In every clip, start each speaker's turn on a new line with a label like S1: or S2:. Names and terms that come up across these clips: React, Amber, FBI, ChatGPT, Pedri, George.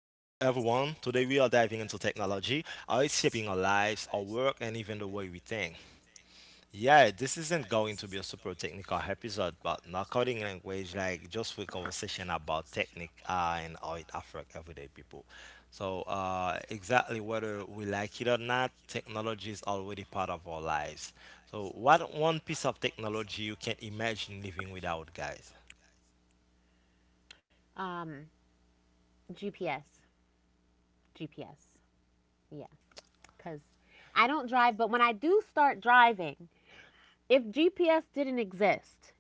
S1: Today we are diving into technology, how it's shaping our lives, our work, and even the way we think. Yeah, this isn't going to be a super technical episode, but not coding language, like just for conversation about technique, and how it affects everyday people. Exactly whether we like it or not, technology is already part of our lives. So, what one piece of technology you can't imagine living without, guys?
S2: Um, GPS, GPS. Yeah, because I don't drive, but when I do start driving, if GPS didn't exist,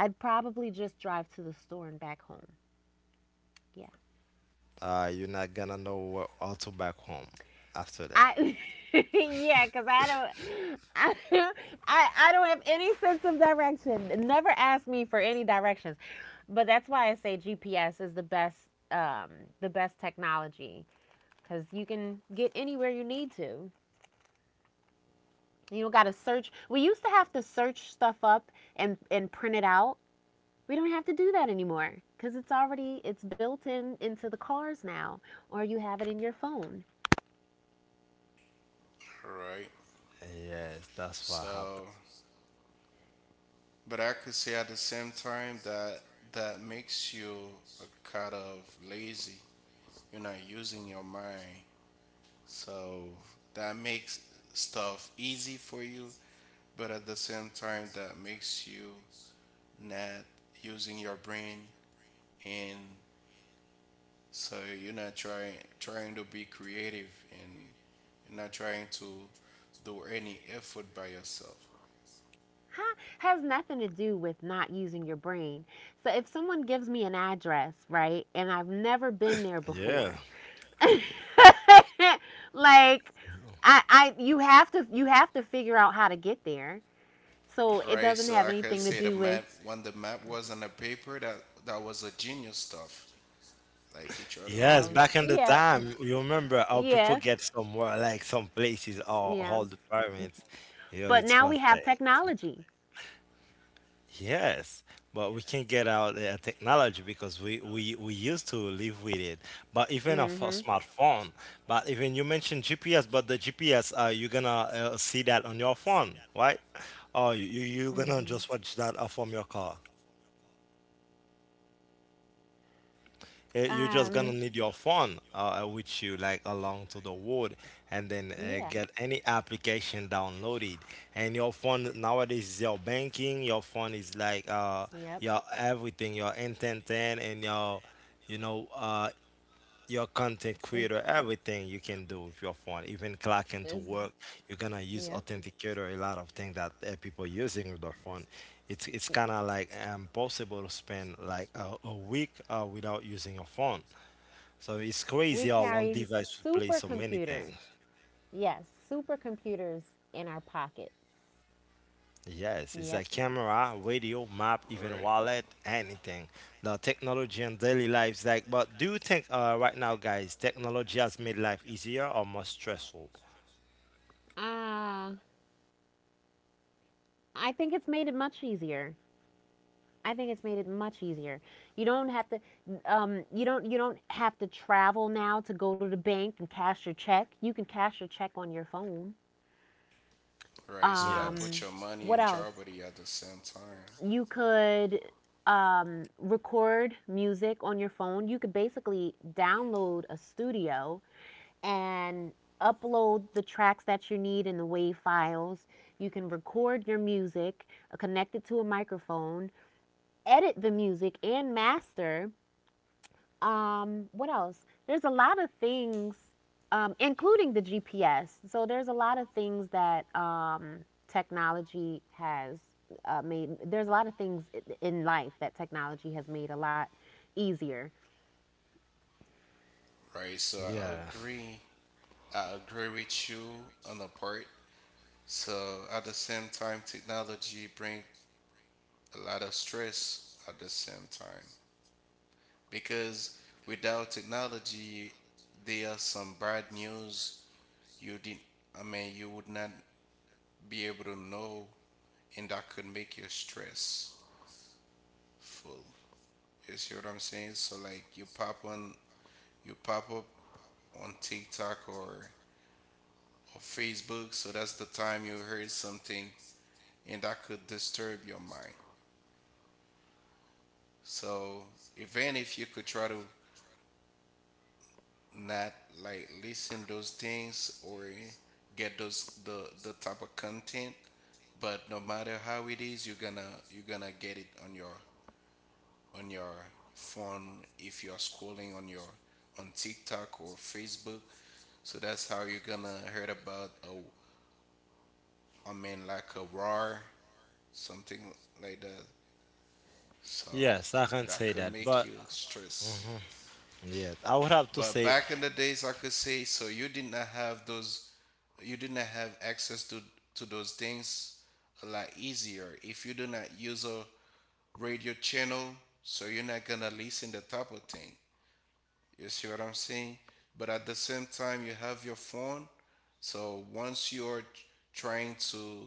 S2: I'd probably just drive to the store and back home. Yeah.
S1: You're not gonna know how to back home after that.
S2: I yeah, because I don't have any sense of direction. Never ask me for any directions. But that's why I say GPS is um the best technology because you can get anywhere you need to. You don't got to search. We used to have to search stuff up and print it out. We don't have to do that anymore because it's built in into the cars now, or you have it in your phone.
S3: Right.
S1: Yes, that's what happened.
S3: So, but I could say at the same time that makes you a kind of lazy. You're not using your mind. So that makes stuff easy for you, but at the same time that makes you not using your brain, and so you're not trying to be creative, and you're not trying to do any effort by yourself.
S2: Huh? Has nothing to do with not using your brain. So if someone gives me an address, right, and I've never been there
S1: Yeah.
S2: before, like I you have to figure out how to get there. So it
S3: Right?
S2: doesn't
S3: So
S2: have
S3: I could
S2: anything to
S3: say the
S2: do
S3: map,
S2: with.
S3: when the map was on the paper, that was a genius stuff. Like you try to do
S2: I
S1: Yes,
S2: was
S3: your.
S1: back in the
S2: yeah
S1: time, you remember how people
S2: yeah
S1: get somewhere, like some places or
S2: yeah.
S1: all the pyramids. You know,
S2: But
S1: it
S2: now we
S1: was
S2: have
S1: like,
S2: technology.
S1: yes, but we can get out the technology because we used to live with it. But even of a
S2: Mm-hmm.
S1: smartphone, but even you mentioned GPS, but the GPS, you're gonna see that on your phone, right? Or you're gonna
S2: Mm-hmm.
S1: just watch that from your car. You're just gonna
S2: Um,
S1: need your phone with you like along to the wood, and then
S2: yeah.
S1: get any application downloaded, and your phone nowadays is your banking. Your phone is like,
S2: Yep.
S1: your everything, your intent and your, you know, your content
S2: Mm.
S1: creator. Everything you can do with your phone, even clocking to work, you're gonna use
S2: Yep.
S1: authenticator. A lot of things that, people using with their phone. It's
S2: uh,
S1: kind of like impossible to spend like a week without using your phone. So it's crazy
S2: We
S1: how one
S2: carry
S1: device would play so many things.
S2: supercomputers. Yes, supercomputers in our pockets.
S1: Yes, it's
S2: Yep.
S1: a camera, radio, map, even
S3: Right,
S1: wallet, anything. The technology and daily lives, like, but do you think, right now, guys, technology has made life easier or more stressful?
S2: Ah, I think it's made it much easier. I think it's made it much easier. You don't have to you don't have to travel now to go to the bank and cash your check. You can cash your check on your phone.
S3: right. So that
S1: Yes.
S2: Um,
S3: put your
S2: what
S3: money in
S2: else?
S3: jeopardy at the same time,
S2: You could record music on your phone. You could basically download a studio and upload the tracks that you need in the WAV files. You can record your music, connect it to a microphone, edit the music and master. What else? There's a lot of things, including the GPS. So there's a lot of things that technology has made. There's a lot of things in life that technology has made a lot easier.
S3: right? So I
S1: Yeah.
S3: agree. I agree with you on the part. So at the same time, technology bring a lot of stress at the same time, because without technology, there are some bad news you didn't. I mean, you would not be able to know, and that could make you stressful. You see what I'm saying? So like you pop up on TikTok or Facebook, so that's the time you heard something and that could disturb your mind. So even if you could try to not like listen those things or get those the type of content, but no matter how it is, you're gonna get it on your phone if you're scrolling on TikTok or Facebook. So that's how you're gonna heard about a I mean, like a roar, something like that. So
S1: Yes, I can
S3: that
S1: say
S3: could
S1: that.
S3: make
S1: But
S3: you stress.
S1: mhm. Yes, I would have to
S3: But
S1: say
S3: back in the days, I could say, so you did not have those, you did not have access to those things a lot easier. If you do not use a radio channel, so you're not gonna listen the type of thing. You see what I'm saying? But at the same time, you have your phone. So once you're trying to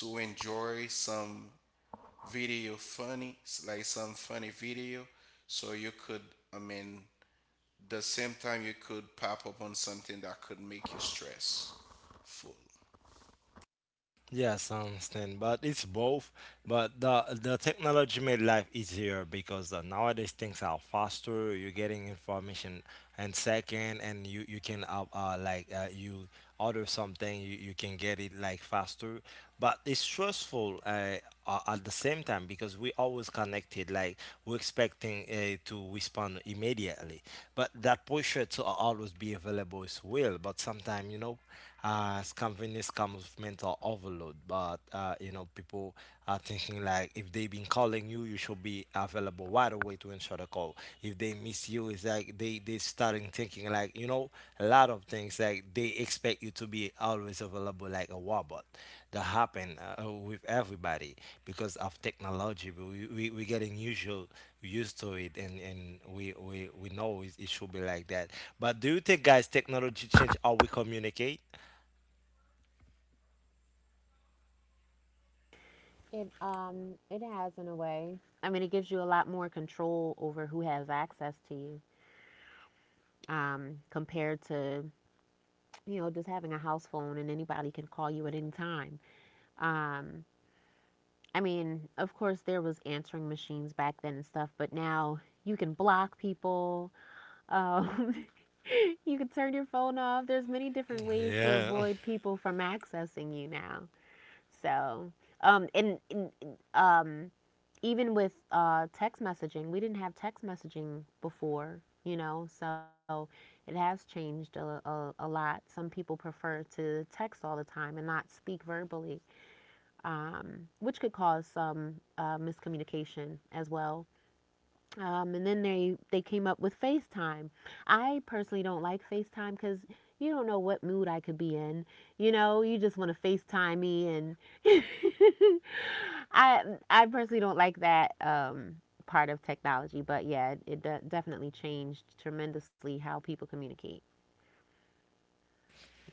S3: to enjoy some video funny, like some funny video, so you could, I mean, the same time you could pop up on something that could make you stressful.
S1: yes, I understand, but it's both. But the technology made life easier because, nowadays things are faster. You're getting information in second, and you can, you order something, you can get it like faster. But it's stressful, at the same time because we always connected. Like we're expecting, to respond immediately, but that pressure to always be available is real. But sometimes, you know, scampiness comes with mental overload. But, you know, people are thinking like, if they've been calling you, you should be available right away to answer the call. If they miss you, it's like they starting thinking like, you know, a lot of things, like they expect you to be always available like a robot. That happen, with everybody because of technology. We getting usual, used to it, and we know it, it should be like that. But do you think, guys, technology change how we communicate?
S2: It has in a way. I mean, it gives you a lot more control over who has access to you, compared to, you know, just having a house phone and anybody can call you at any time. Um, I mean, of course, there was answering machines back then and stuff, but now you can block people. Um, you can turn your phone off. There's many different ways to
S1: Yeah.
S2: avoid people from accessing you now. So, and um, even with text messaging, we didn't have text messaging before, you know, so it has changed a lot. Some people prefer to text all the time and not speak verbally, which could cause some miscommunication as well. And then they came up with FaceTime. I personally don't like FaceTime because you don't know what mood I could be in. You know, you just want to FaceTime me, and I I personally don't like that, part of technology. But yeah, it, it definitely changed tremendously how people communicate.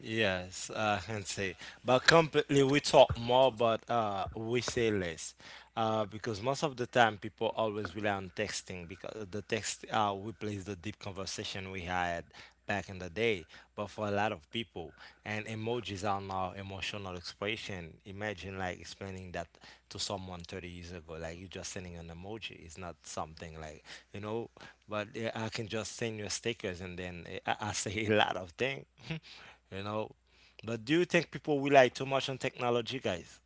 S1: Yes, I can say. But completely, we talk more, but, we say less. Because most of the time, people always rely on texting because the text, replaces the deep conversation we had back in the day. But for a lot of people, and emojis are now emotional expression. Imagine like explaining that to someone 30 years ago, like you're just sending an emoji. It's not something like, you know, but, I can just send you stickers and then, I say a lot of things. You know. But do you think people rely too much on technology, guys?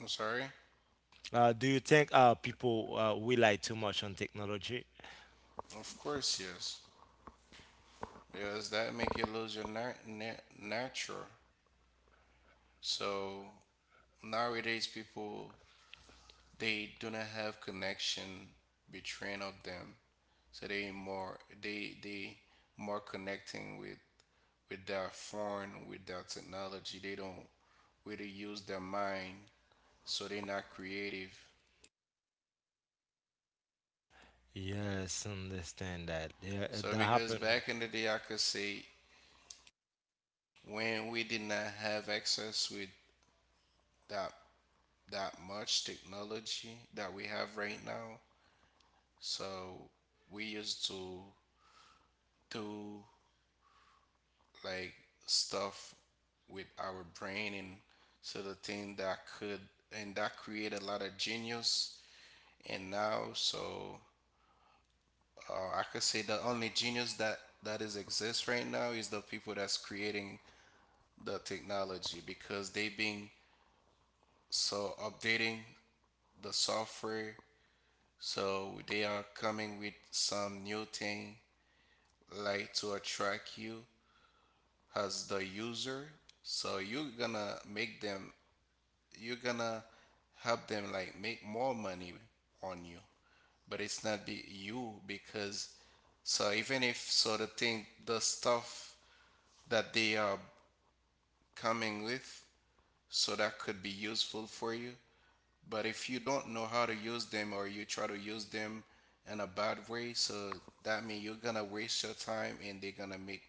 S3: I'm sorry?
S1: Do you think, people, rely too much on technology?
S3: Of course, yes. Because that make you lose your nature. So nowadays, people, they do not have connection between of them, so they more they more connecting with their phone, with their technology. They don't really use their mind, so they're not creative.
S1: Yes, understand that. Yeah,
S3: So
S1: that
S3: because
S1: happened.
S3: back in the day I could say, when we did not have access with that that much technology that we have right now, so we used to do like stuff with our brain, and so the thing that could, and that create a lot of genius. And now, so I could say the only genius that is exists right now is the people that's creating the technology, because they being so updating the software, so they are coming with some new thing like to attract you as the user. So you're gonna make them, you're gonna help them like make more money on you, but it's not be you, because so even if so the thing, the stuff that they are coming with, so that could be useful for you, but if you don't know how to use them or you try to use them in a bad way, so that means you're gonna waste your time, and they're gonna make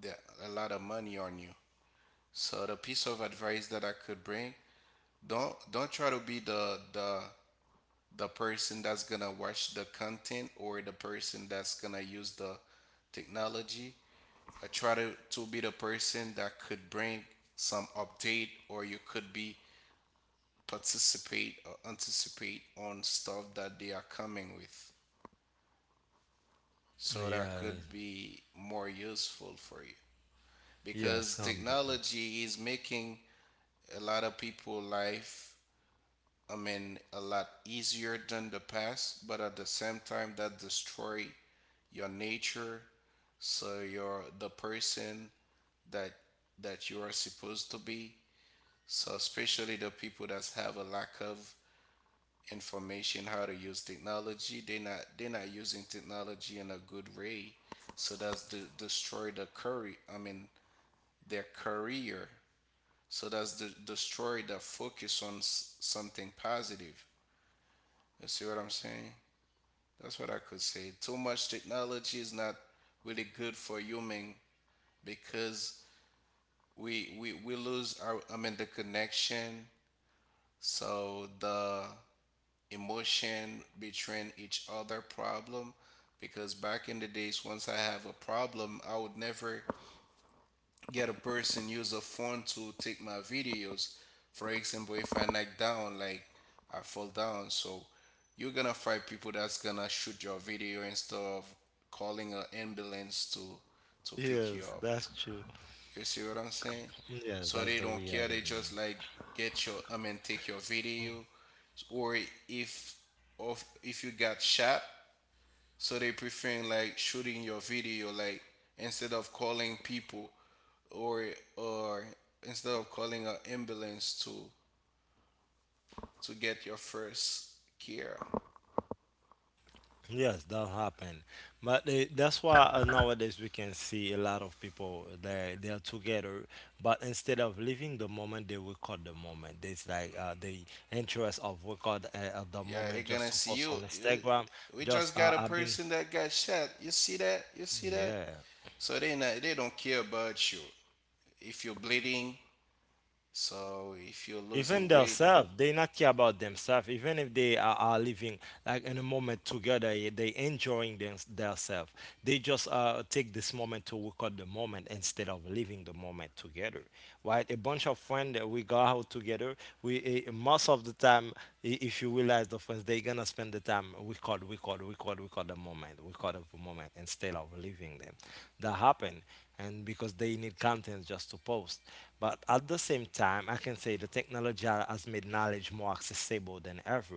S3: the, a lot of money on you. So the piece of advice that I could bring, don't try to be the person that's gonna watch the content or the person that's gonna use the technology. I try to be the person that could bring some update, or you could be participate or anticipate on stuff that they are coming with, so that
S1: Yeah,
S3: could be more useful for you.
S1: yes,
S3: Because
S1: come.
S3: technology is making a lot of people life, I mean, a lot easier than the past, but at the same time that destroy your nature, so you're the person that that you are supposed to be. So especially the people that have a lack of information how to use technology, they're not using technology in a good way. So that's the destroy the career. I mean, their career. So that's the destroy the focus on something positive. You see what I'm saying? That's what I could say. Too much technology is not really good for human, because we lose our, I mean, the connection. So the emotion betraying each other problem, because back in the days, once I have a problem, I would never get a person use a phone to take my videos. For example, if I knock down, like I fall down, so you're gonna find people that's gonna shoot your video instead of calling an ambulance to pick you
S1: Yes,
S3: up.
S1: that's true.
S3: You see what I'm saying?
S1: Yes,
S3: So
S1: that's
S3: they
S1: the
S3: don't care.
S1: reality.
S3: They just like get your I mean, take your video, or if if you got shot, so they preferring like shooting your video, like instead of calling people or or instead of calling an ambulance to get your first care.
S1: Yes, that happened. But they, that's why, nowadays we can see a lot of people, they are together, but instead of living the moment, they record the moment. There's like, the interest of record, at the
S3: Yeah, they're
S1: moment just
S3: gonna
S1: to
S3: see
S1: post
S3: you.
S1: on Instagram.
S3: We
S1: Just
S3: just got a
S1: I've been,
S3: person that got shot. You see that? You see that?
S1: yeah.
S3: So they don't care about you. If you're bleeding, so if you're losing
S1: Even
S3: weight,
S1: themselves, they not care about themselves. Even if they are living like in a moment together, eh, they enjoying themselves. They just, take this moment to record the moment instead of living the moment together. Right? A bunch of friends that we go out together. We, most of the time, if you realize the friends, they gonna spend the time record, record, record, record the moment moment. We caught up a moment instead of leaving them. That happened, and because they need content just to post. But at the same time, I can say the technology has made knowledge more accessible than ever.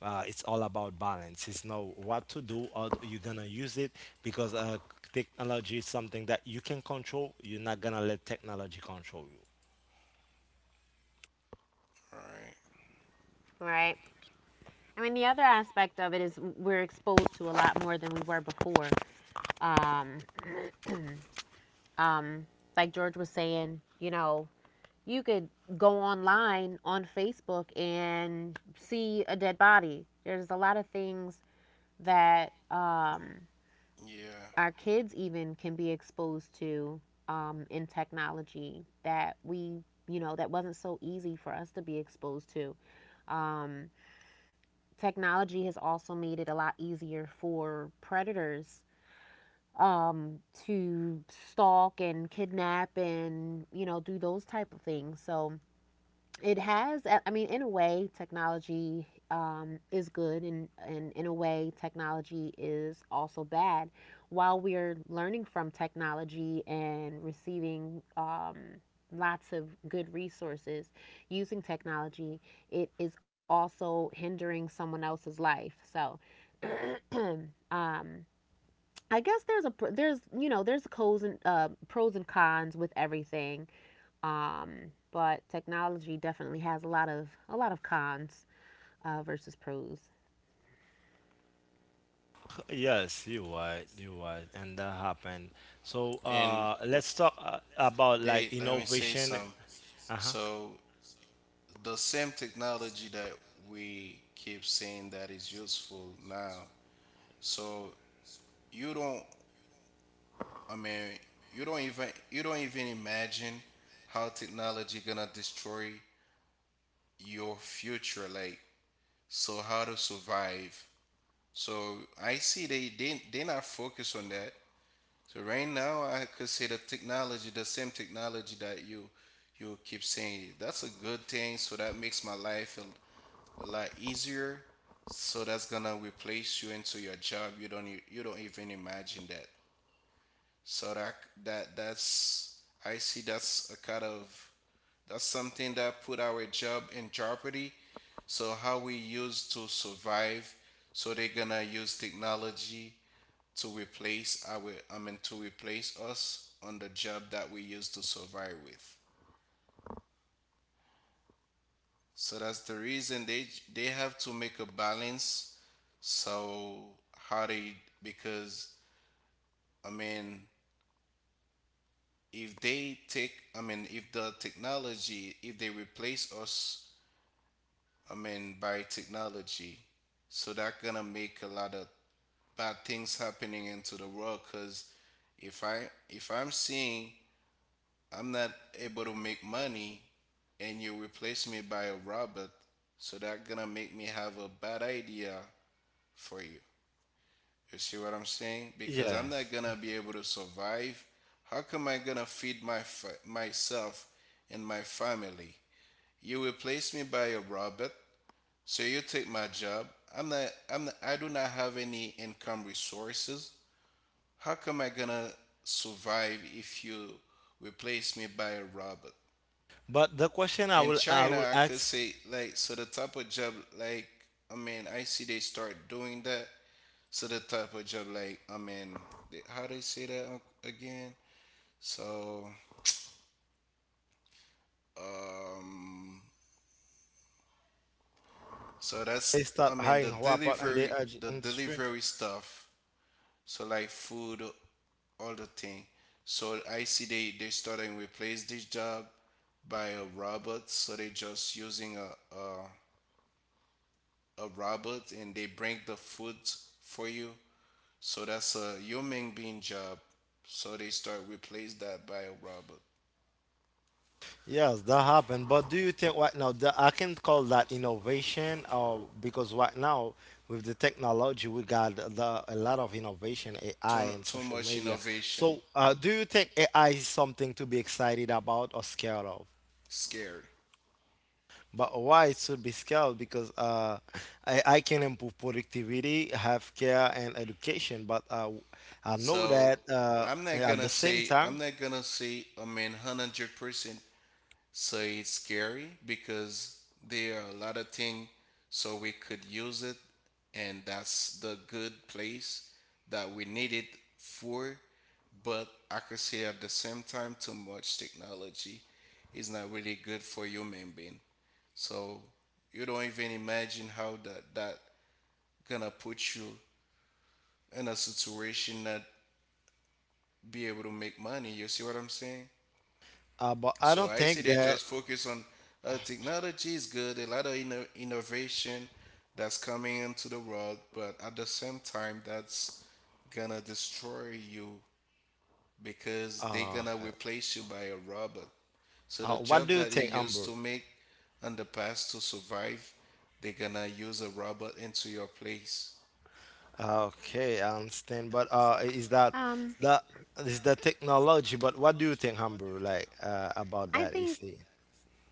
S1: It's all about balance. It's know what to do or you're gonna use it because, technology is something that you can control. You're not gonna let technology control you.
S3: right?
S2: Right. I mean, the other aspect of it is we're exposed to a lot more than we were before. Um, um, like George was saying, you know, you could go online on Facebook and see a dead body. There's a lot of things that,
S3: Yeah.
S2: our kids even can be exposed to in technology that we, you know, that wasn't so easy for us to be exposed to. Um, Technology has also made it a lot easier for predators um, to stalk and kidnap and you know do those type of things. So it has. I mean, in a way, technology is good, and in a way, technology is also bad. While we're learning from technology and receiving lots of good resources using technology, it is also hindering someone else's life. So. um, I guess there's you know there's pros and pros and cons with everything. But technology definitely has a lot of cons versus pros.
S1: Yes, you're right. You're right, and that happened. So,
S3: And
S1: let's talk, about like
S3: they, let me say
S1: innovation.
S3: some.
S1: Uh-huh.
S3: So the same technology that we keep saying that is useful now. So you don't. I mean, you don't even imagine how technology gonna destroy your future. Like, so how to survive. So I see they not focus on that. So right now, I could say the technology, the same technology that you keep saying, that's a good thing. So that makes my life a lot easier. So that's gonna replace you into your job. You don't even imagine that. So that's I see that's a kind of, that's something that put our job in jeopardy, so how we used to survive, so they're gonna use technology to replace our, I mean, to replace us on the job that we used to survive with. So that's the reason they have to make a balance. So how they, because, I mean, if they take, I mean, if the technology, if they replace us, I mean, by technology, so that gonna make a lot of bad things happening into the world, because if i if I'm seeing I'm not able to make money and you replace me by a robot, so that gonna make me have a bad idea for you. You see what I'm saying? Because I'm not
S1: Yes,
S3: gonna be able to survive. How come I gonna feed my myself and my family? You replace me by a robot, so you take my job. I do not have any income resources. How come I gonna survive if you replace me by a robot?
S1: but the question
S3: In
S1: I will
S3: China, I could
S1: ask,
S3: say, like, so the type of job like, I mean, I see they start doing that. So the type of job like, I mean, how they say that again? So um so
S1: they
S3: that's,
S1: start
S3: I mean,
S1: hiring
S3: the
S1: Huapot and
S3: delivery
S1: the
S3: the
S1: industry.
S3: delivery stuff. So like food, all the thing. So I see they start and replace this job by a robot. So they just using a, a robot, and they bring the food for you. So that's a human being job. So they start replace that by a robot.
S1: Yes, that happened. But do you think right now that I can call that innovation, or because right now with the technology we got the, a lot of innovation, AI
S3: Too
S1: and
S3: too
S1: social
S3: much
S1: media.
S3: innovation,
S1: So, do you think AI is something to be excited about or scared of?
S3: scary.
S1: But why it should be scaled? Because, I can improve productivity, healthcare, and education. But, I know
S3: So
S1: that,
S3: I'm not
S1: at
S3: gonna
S1: the same
S3: say I'm
S1: time,
S3: not gonna say I mean, 100%. So it's scary, because there are a lot of things so we could use it, and that's the good place that we need it for. But I could say, at the same time, too much technology is not really good for human being. So you don't even imagine how that gonna put you in a situation not be able to make money. You see what I'm saying?
S1: but I
S3: So
S1: don't
S3: I see
S1: think
S3: they
S1: that.
S3: just focus on technology is good, a lot of innovation that's coming into the world, but at the same time, that's gonna destroy you, because they're gonna
S1: Okay.
S3: replace you by a robot. So the
S1: What
S3: job
S1: do you
S3: that you
S1: think,
S3: used to
S1: Amber?
S3: make in the past to survive, they're gonna use a robot into your place,
S1: Okay, I understand. But, is that,
S2: Um,
S1: that is the technology? But what do you think, Amber? Like,
S2: I
S1: about that?
S2: think
S1: Is,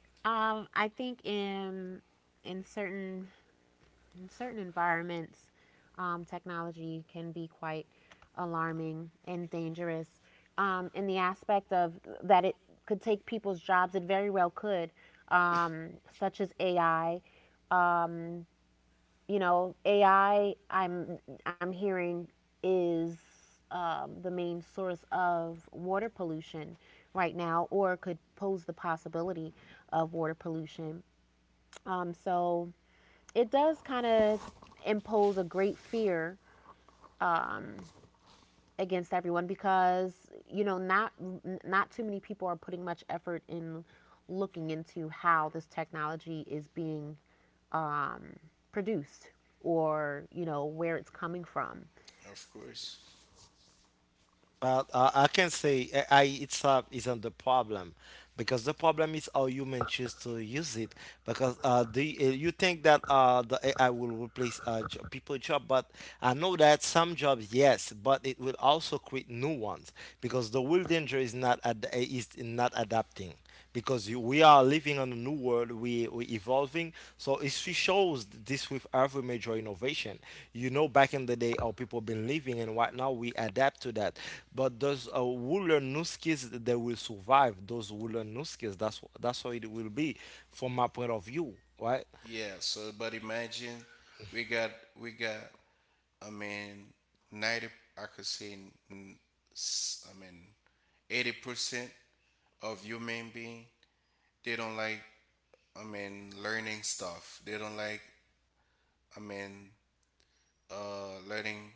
S2: I think in in certain in certain environments, technology can be quite alarming and dangerous. In the aspect of that, it could take people's jobs. It very well could, um, such as AI. Um, you know, AI. I'm hearing is the main source of water pollution right now, or could pose the possibility of water pollution. So it does kind of impose a great fear um, against everyone because you know not not too many people are putting much effort in looking into how this technology is being um, produced or you know where it's coming from.
S3: of course.
S1: well, I can say AI itself isn't the problem because the problem is how human choose to use it. Because, you think that, the AI will replace, people job? But I know that some jobs, yes, but it will also create new ones because the real danger is not ad- is not adapting because we are living in a new world. We evolving, so it she shows this with every major innovation. You know, back in the day, our people been living and right now we adapt to that. But those, who learn new skills they will survive. Those who learn new skills, that's that's how it will be from my point of view, right?
S3: Yeah. So, but imagine we got we got, I mean, 90. I could say, mm, I mean, 80% of human being they don't like. I mean, learning stuff. They don't like. I mean, learning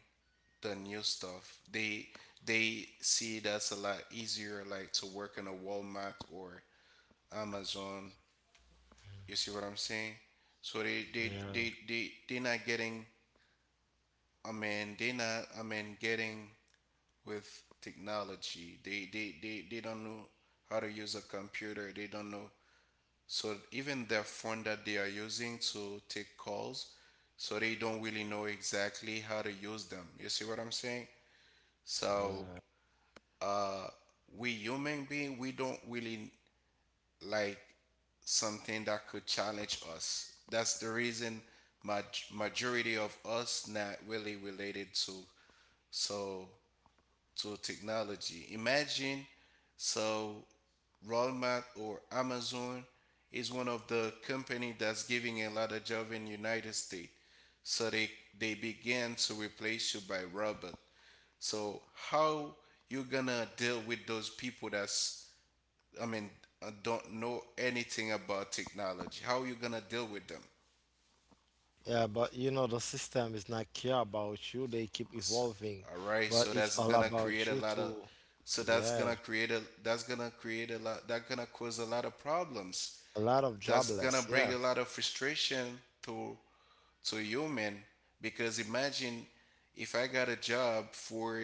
S3: the new stuff. They see that's a lot easier, like to work in a Walmart or Amazon. You see what I'm saying? So they they
S1: Yeah.
S3: they they they not getting. I mean, they not. I mean, getting with technology. They don't know how to use a computer. They don't know. So even their phone that they are using to take calls, so they don't really know exactly how to use them. You see what I'm saying? So uh, we human being, we don't really like something that could challenge us. That's the reason majority of us not really related to. So to technology. Imagine so Walmart or Amazon is one of the company that's giving a lot of job in United States. So they began to replace you by robot. So how you gonna deal with those people that's I mean don't know anything about technology? How you gonna deal with them?
S1: Yeah, but you know, the system is not care about you. They keep evolving,
S3: All right,
S1: but
S3: so
S1: it's
S3: that's
S1: all
S3: gonna create
S1: about
S3: a
S1: you
S3: lot of,
S1: too.
S3: so
S1: Yeah,
S3: that's gonna cause a lot of problems.
S1: a lot of
S3: That's gonna
S1: jobless. Yeah,
S3: bring a lot of frustration to human, because imagine if I got a job for,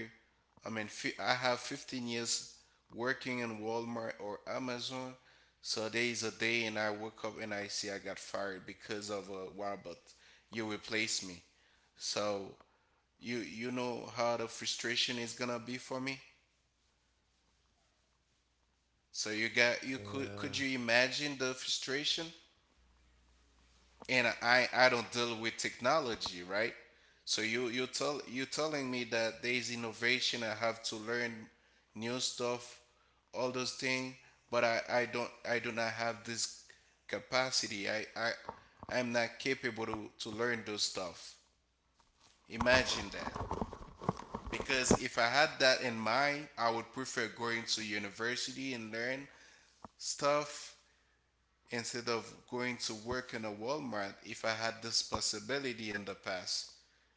S3: I mean, I have 15 years working in Walmart or Amazon, so there is a day and I woke up and I see I got fired because of a robot. You replace me. So you know how the frustration is gonna be for me. So you got, you could
S1: yeah.
S3: could you imagine the frustration, and I don't deal with technology, right? So you telling me that there is innovation, I have to learn new stuff, all those things, but I don't, I do not have this capacity. I I'm not capable to learn those stuff. Imagine that. Because if I had that in mind, I would prefer going to university and learn stuff instead of going to work in a Walmart if I had this possibility in the past.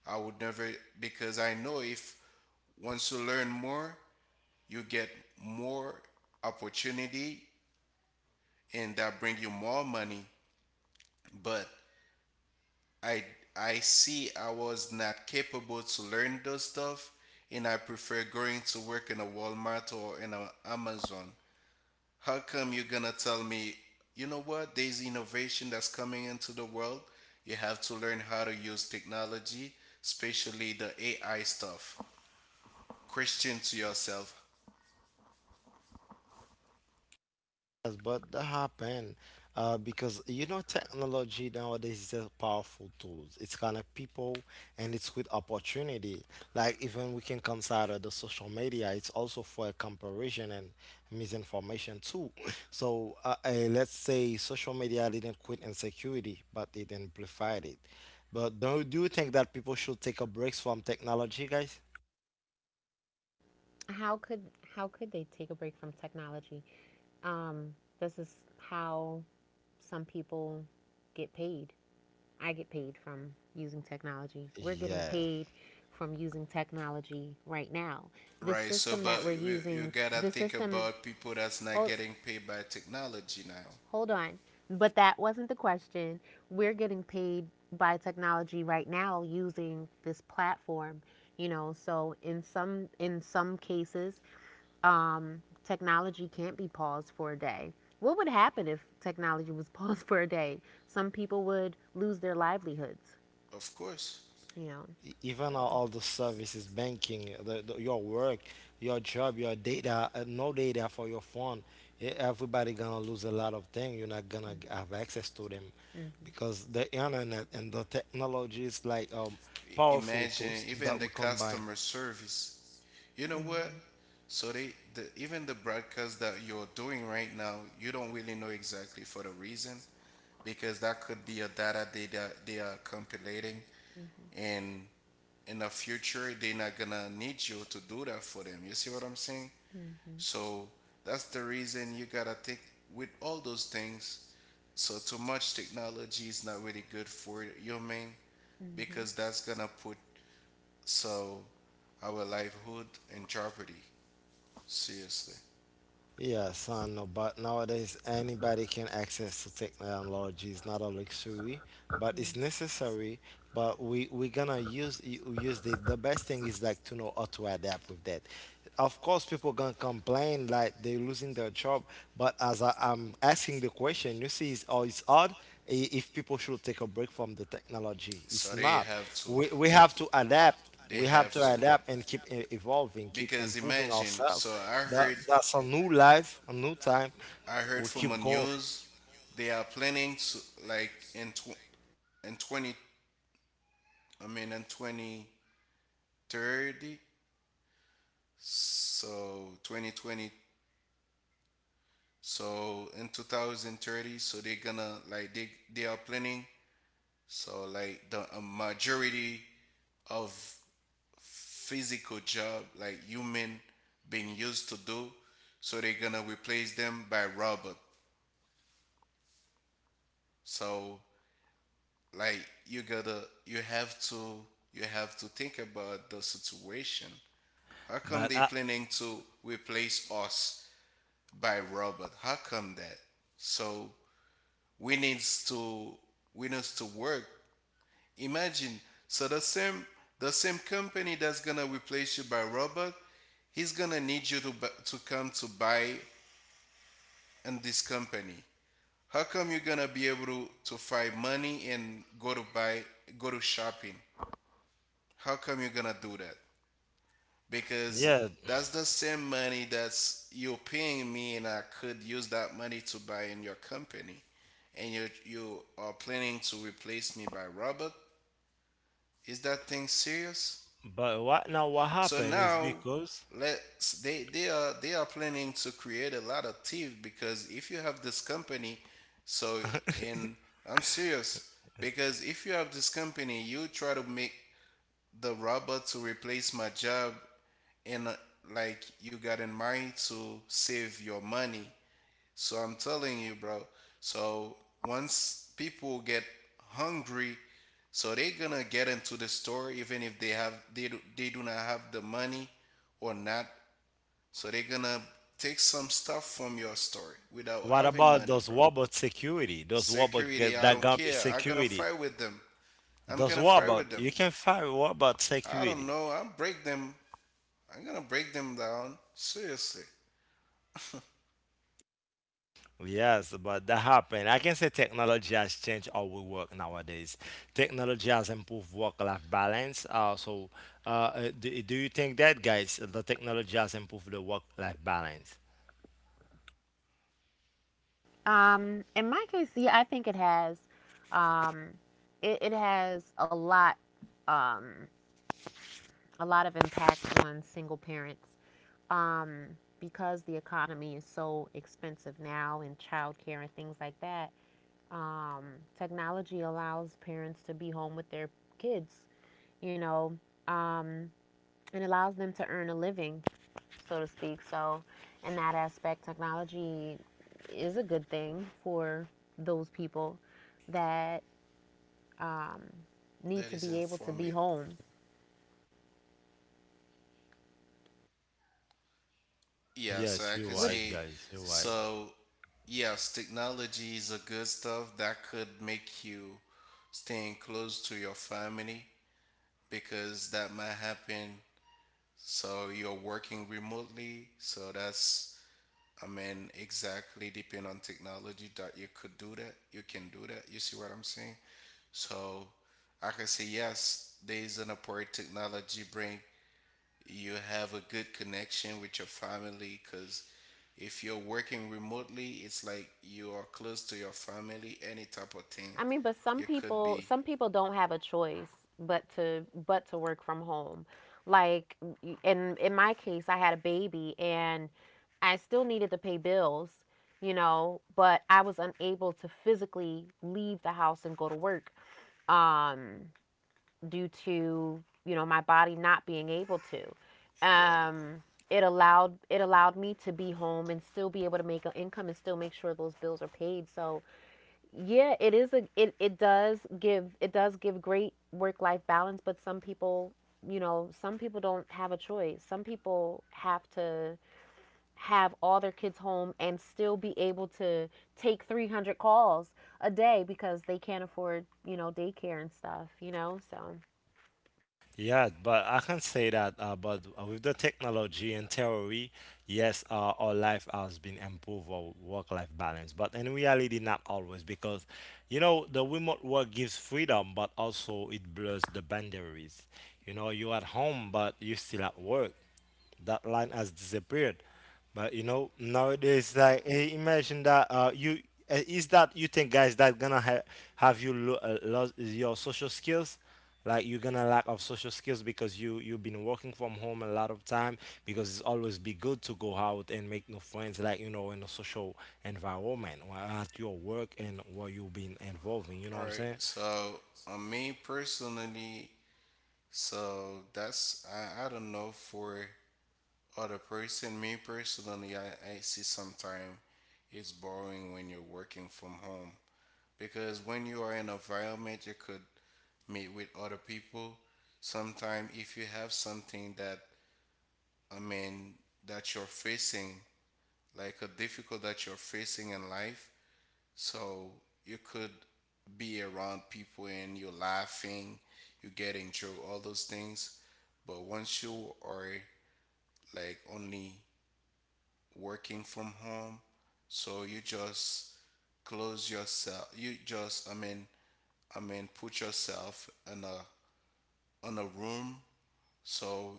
S3: I would never, because I know if once you learn more, you get more opportunity, and that bring you more money. But I I see I was not capable to learn those stuff and I prefer going to work in a Walmart or in a Amazon. How come you're gonna tell me, you know what, there's innovation that's coming into the world? You have to learn how to use technology, especially the AI stuff. Question to yourself,
S1: Yes, but that happened, because, you know, technology nowadays is a powerful tool. It's connect people and it's with opportunity. Like even we can consider the social media. It's also for comparison and misinformation too. So, let's say social media didn't quit insecurity, but it amplified it. But do you think that people should take a break from technology, guys?
S2: How could how could they take a break from technology? This is how some people get paid I get paid from using technology. We're getting
S1: Yeah.
S2: paid from using technology right now. The
S3: right? So,
S2: system
S3: but
S2: that we're
S3: you
S2: using,
S3: gotta
S2: the
S3: think
S2: system.
S3: about people that's not
S2: Hold,
S3: getting paid by technology now.
S2: hold on. But that wasn't the question. We're getting paid by technology right now using this platform, you know. So in some cases, technology can't be paused for a day. What would happen if technology was paused for a day? Some people would lose their livelihoods,
S3: Of course.
S2: you know.
S1: Even all the
S2: So,
S1: services, banking, your work, your job, your data, no data for your phone. Everybody gonna lose a lot of things. You're not gonna have access to them
S2: mm-hmm,
S1: because the internet and the technology is like,
S3: I-
S1: powerful
S3: Imagine
S1: tools
S3: even
S1: that
S3: the
S1: we combine.
S3: customer service. You know what?
S2: mm-hmm,
S3: So even the broadcast that you're doing right now, you don't really know exactly for the reason, because that could be a data they that they are compilating,
S2: mm-hmm,
S3: and in the future they're not gonna need you to do that for them. You see what I'm saying?
S2: mm-hmm,
S3: So that's the reason you gotta think with all those things. So too much technology is not really good for human,
S2: mm-hmm.
S3: because that's gonna put, so, our livelihood in jeopardy, seriously.
S1: Yes, I know, but nowadays anybody can access to technology. It's not a luxury, but it's necessary. But we gonna use the best thing is like to know how to adapt with that. Of course, people gonna complain like they're losing their job, but as I'm asking the question, you see, it's, oh, it's odd, if people should take a break from the technology. It's
S3: So
S1: not. We have to adapt,
S3: they
S1: we have
S3: have
S1: to
S3: to,
S1: adapt and keep evolving, keep
S3: because
S1: improving
S3: imagine,
S1: ourselves.
S3: so
S1: That's a new life, a new time.
S3: I heard
S1: We
S3: from the
S1: keep going.
S3: news they are planning to, like, in 20 I mean in 2030, so 2020, so in 2030, so they're gonna, like, they are planning, so, like, the a majority of physical job like human being used to do, so they're gonna replace them by robot. So, like, you gotta you have to you have to think about the situation. How come
S1: But
S3: they planning to replace us by robot? How come that? So we needs to, we needs to work. Imagine so the same, the same company that's gonna replace you by robot, he's gonna need you to to come to buy in this company. How come you're gonna be able to find money and go to buy, go to shopping? How come you're gonna do that? Because
S1: Yeah,
S3: that's the same money that's you're paying me, and I could use that money to buy in your company, and you are planning to replace me by Robert. Is that thing serious?
S1: but right now what
S3: So
S1: happened is
S3: now,
S1: because,
S3: let's, they are planning to create a lot of thieves, because if you have this company, so, and I'm serious, because if you have this company, you try to make the robot to replace my job, and like you got in mind to save your money. So I'm telling you, bro. So once people get hungry, so they're gonna get into the store even if they do, they do not have the money or not. So they're gonna take some stuff from your store without
S1: what
S3: having
S1: about
S3: money,
S1: those
S3: bro.
S1: robot security? Those robot
S3: Security,
S1: get,
S3: I
S1: that
S3: don't
S1: gonna be
S3: care. I'm gonna
S1: security.
S3: fight with them. I'm
S1: Those
S3: gonna fight
S1: robot,
S3: with them.
S1: you can find robot
S3: I don't
S1: security.
S3: know. I'll break them. I'm gonna break them down. Seriously.
S1: Yes, but that happened. I can say technology has changed how we work nowadays. Technology has improved work-life balance. So, do you think that, guys, the technology has improved the work-life balance?
S2: Mm. In my case, yeah, I think it has, um, it has a lot. Um, a lot of impact on single parents um, because the economy is so expensive now and childcare and things like that. Um, Technology allows parents to be home with their kids, you know, um, and allows them to earn a living, so to speak. So, in that aspect, technology is a good thing for those people that um, need
S3: That
S2: to
S3: is
S2: be able to be
S3: informed.
S2: home
S3: Yeah, so
S1: Yes,
S3: I
S1: you're
S3: could
S2: with.
S1: right,
S3: say,
S1: guys. You're right.
S3: so yes, technology is a good stuff that could make you staying close to your family, because that might happen. So you're working remotely, so that's, I mean, exactly depend on technology that you could do that. You can do that. You see what I'm saying? So I can say yes, there is an upward technology bring you have a good connection with your family, because if you're working remotely it's like you are close to your family, any type of
S2: I
S3: thing
S2: mean, but
S3: you could be.
S2: some people don't have a choice but to work from home. Like in my case, I had a baby and I still needed to pay bills, you know, but I was unable to physically leave the house and go to work um due to, you know, my body not being able to.
S3: Got it.
S2: It allowed it allowed me to be home and still be able to make an income and still make sure those bills are paid. So yeah it is a it, it does give great work life balance but some people you know some people don't have a choice some people have to have all their kids home and still be able to take 300 calls a day because they can't afford you know daycare and stuff you know so
S1: Yeah, but I can say that. But, with the technology and theory, yes, our life has been improved, our work-life balance. But in reality, not always, because, you know, the remote work gives freedom, but also it blurs the boundaries. You know, you're at home, but you're still at work. That line has disappeared. But you know, nowadays, like, hey, imagine that, you is that you think, guys, that gonna ha- have you lose your social skills? Like you're gonna lack of social skills because you've been working from home a lot of time because it's always be good to go out and make new friends, like, you know, in a social environment or at your work and where you've been involving, you know
S3: All
S1: what I'm
S3: right,
S1: saying.
S3: so on me personally, so that's I don't know for other person. Me personally, I see sometimes it's boring when you're working from home, because when you are in an environment you could meet with other people. Sometimes if you have something that, I mean, that you're facing, like a difficult that you're facing in life, so you could be around people and you're laughing, you're getting joke, all those things. But once you are, like, only working from home, so you just close yourself. You just, I mean, put yourself in a, in a room, so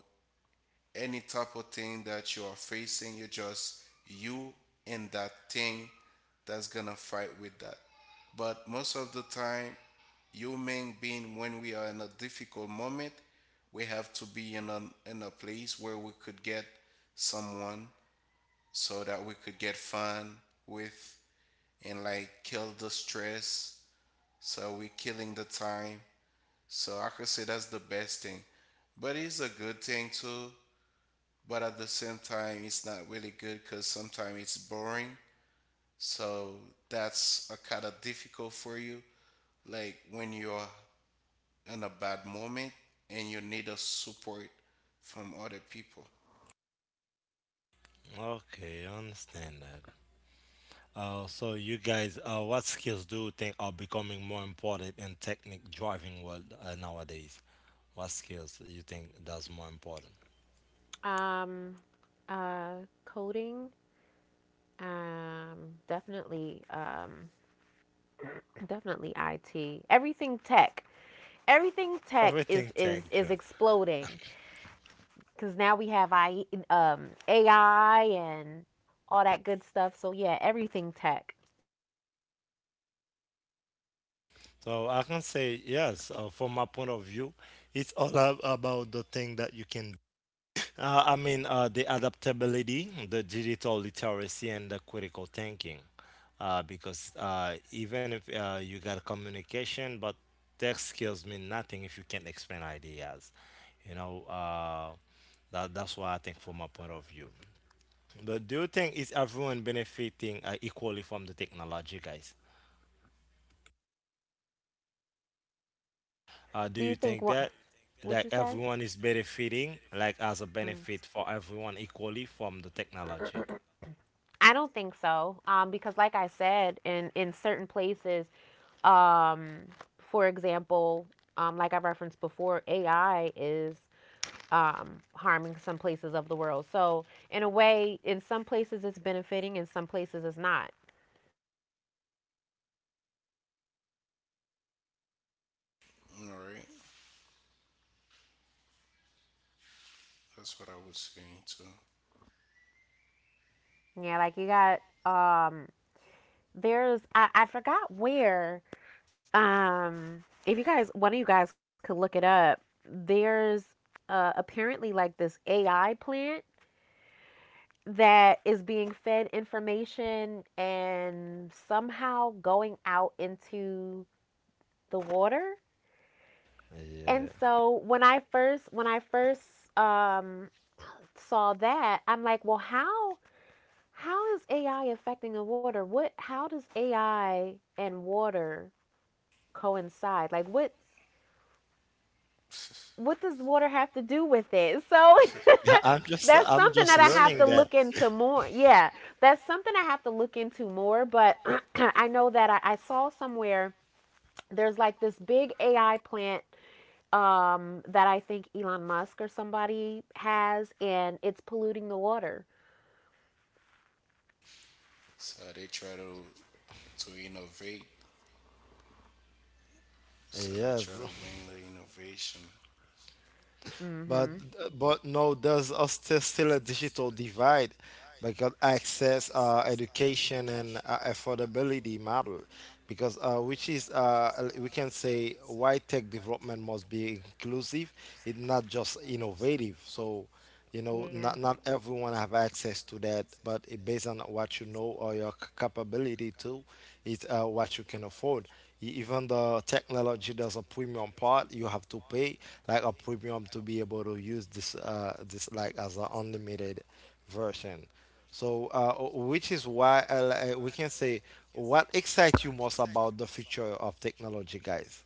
S3: any type of thing that you are facing, you're just you and that thing, that's gonna fight with that. But most of the time, human being, when we are in a difficult moment, we have to be in a place where we could get someone so that we could get fun with, and, like, kill the stress. So we're killing the time. So I could say that's the best thing. But it's a good thing too, but at the same time it's not really good because sometimes it's boring, so that's a kind of difficult for you, like when you're in a bad moment and you need a support from other people.
S1: Okay, I understand that. So you guys, what skills do you think are becoming more important in technique driving world nowadays? What skills you think that's more important?
S2: um uh coding definitely definitely it everything tech is
S1: Everything
S2: is
S1: tech
S2: is
S1: driven.
S2: exploding because now we have I AI and all that good stuff. So yeah, everything tech.
S1: So I can say yes. From my point of view, it's all about the thing that you can the adaptability, the digital literacy, and the critical thinking. Because even if you got communication, but tech skills mean nothing if you can't explain ideas. You know, that's what I think from my point of view. But do you think is everyone benefiting equally from the technology, guys?
S2: Do
S1: Do
S2: you
S1: you
S2: think
S1: think
S2: what?
S1: that
S2: What'd you
S1: that
S2: say?
S1: everyone is benefiting, like as a benefit for everyone equally from the technology?
S2: I don't think so. Because like I said, in certain places, um, for example, like I referenced before, AI is harming some places of the world. So in a way, in some places it's benefiting, in some places it's not.
S3: All right, that's what I was saying too.
S2: Yeah, like you got there's I forgot where. If you guys, one of you guys could look it up. There's apparently like this AI plant that is being fed information and somehow going out into the water. And
S1: Yeah.
S2: so when I first um, saw that, I'm like, well, how is AI affecting the water? What how does AI and water coincide? Like what does water have to do with it? So
S1: Yeah, I'm just
S2: that's
S1: I'm
S2: something
S1: just
S2: that I
S3: That's
S2: have
S1: learning
S2: to
S3: right.
S1: that.
S2: look into more. Yeah, that's something I have to look into more. But I know that I saw somewhere there's like this big AI plant, that I think Elon Musk or somebody has, and it's polluting the water.
S3: So they try to innovate, so they try
S1: Yes,
S3: to bring the innovation.
S1: but
S2: Mm-hmm.
S1: but no, there's a still a digital divide because access, education, and affordability matter. Because which is we can say why tech development must be inclusive. It's not just innovative. So, you know,
S2: Yeah.
S1: not not everyone have access to that, but it, based on what you know or your capability to it's what you can afford. Even the technology there's a premium part you have to pay, like a premium to be able to use this this like as an unlimited version. So w- which is why li- we can say what excites you most about the future of technology, guys?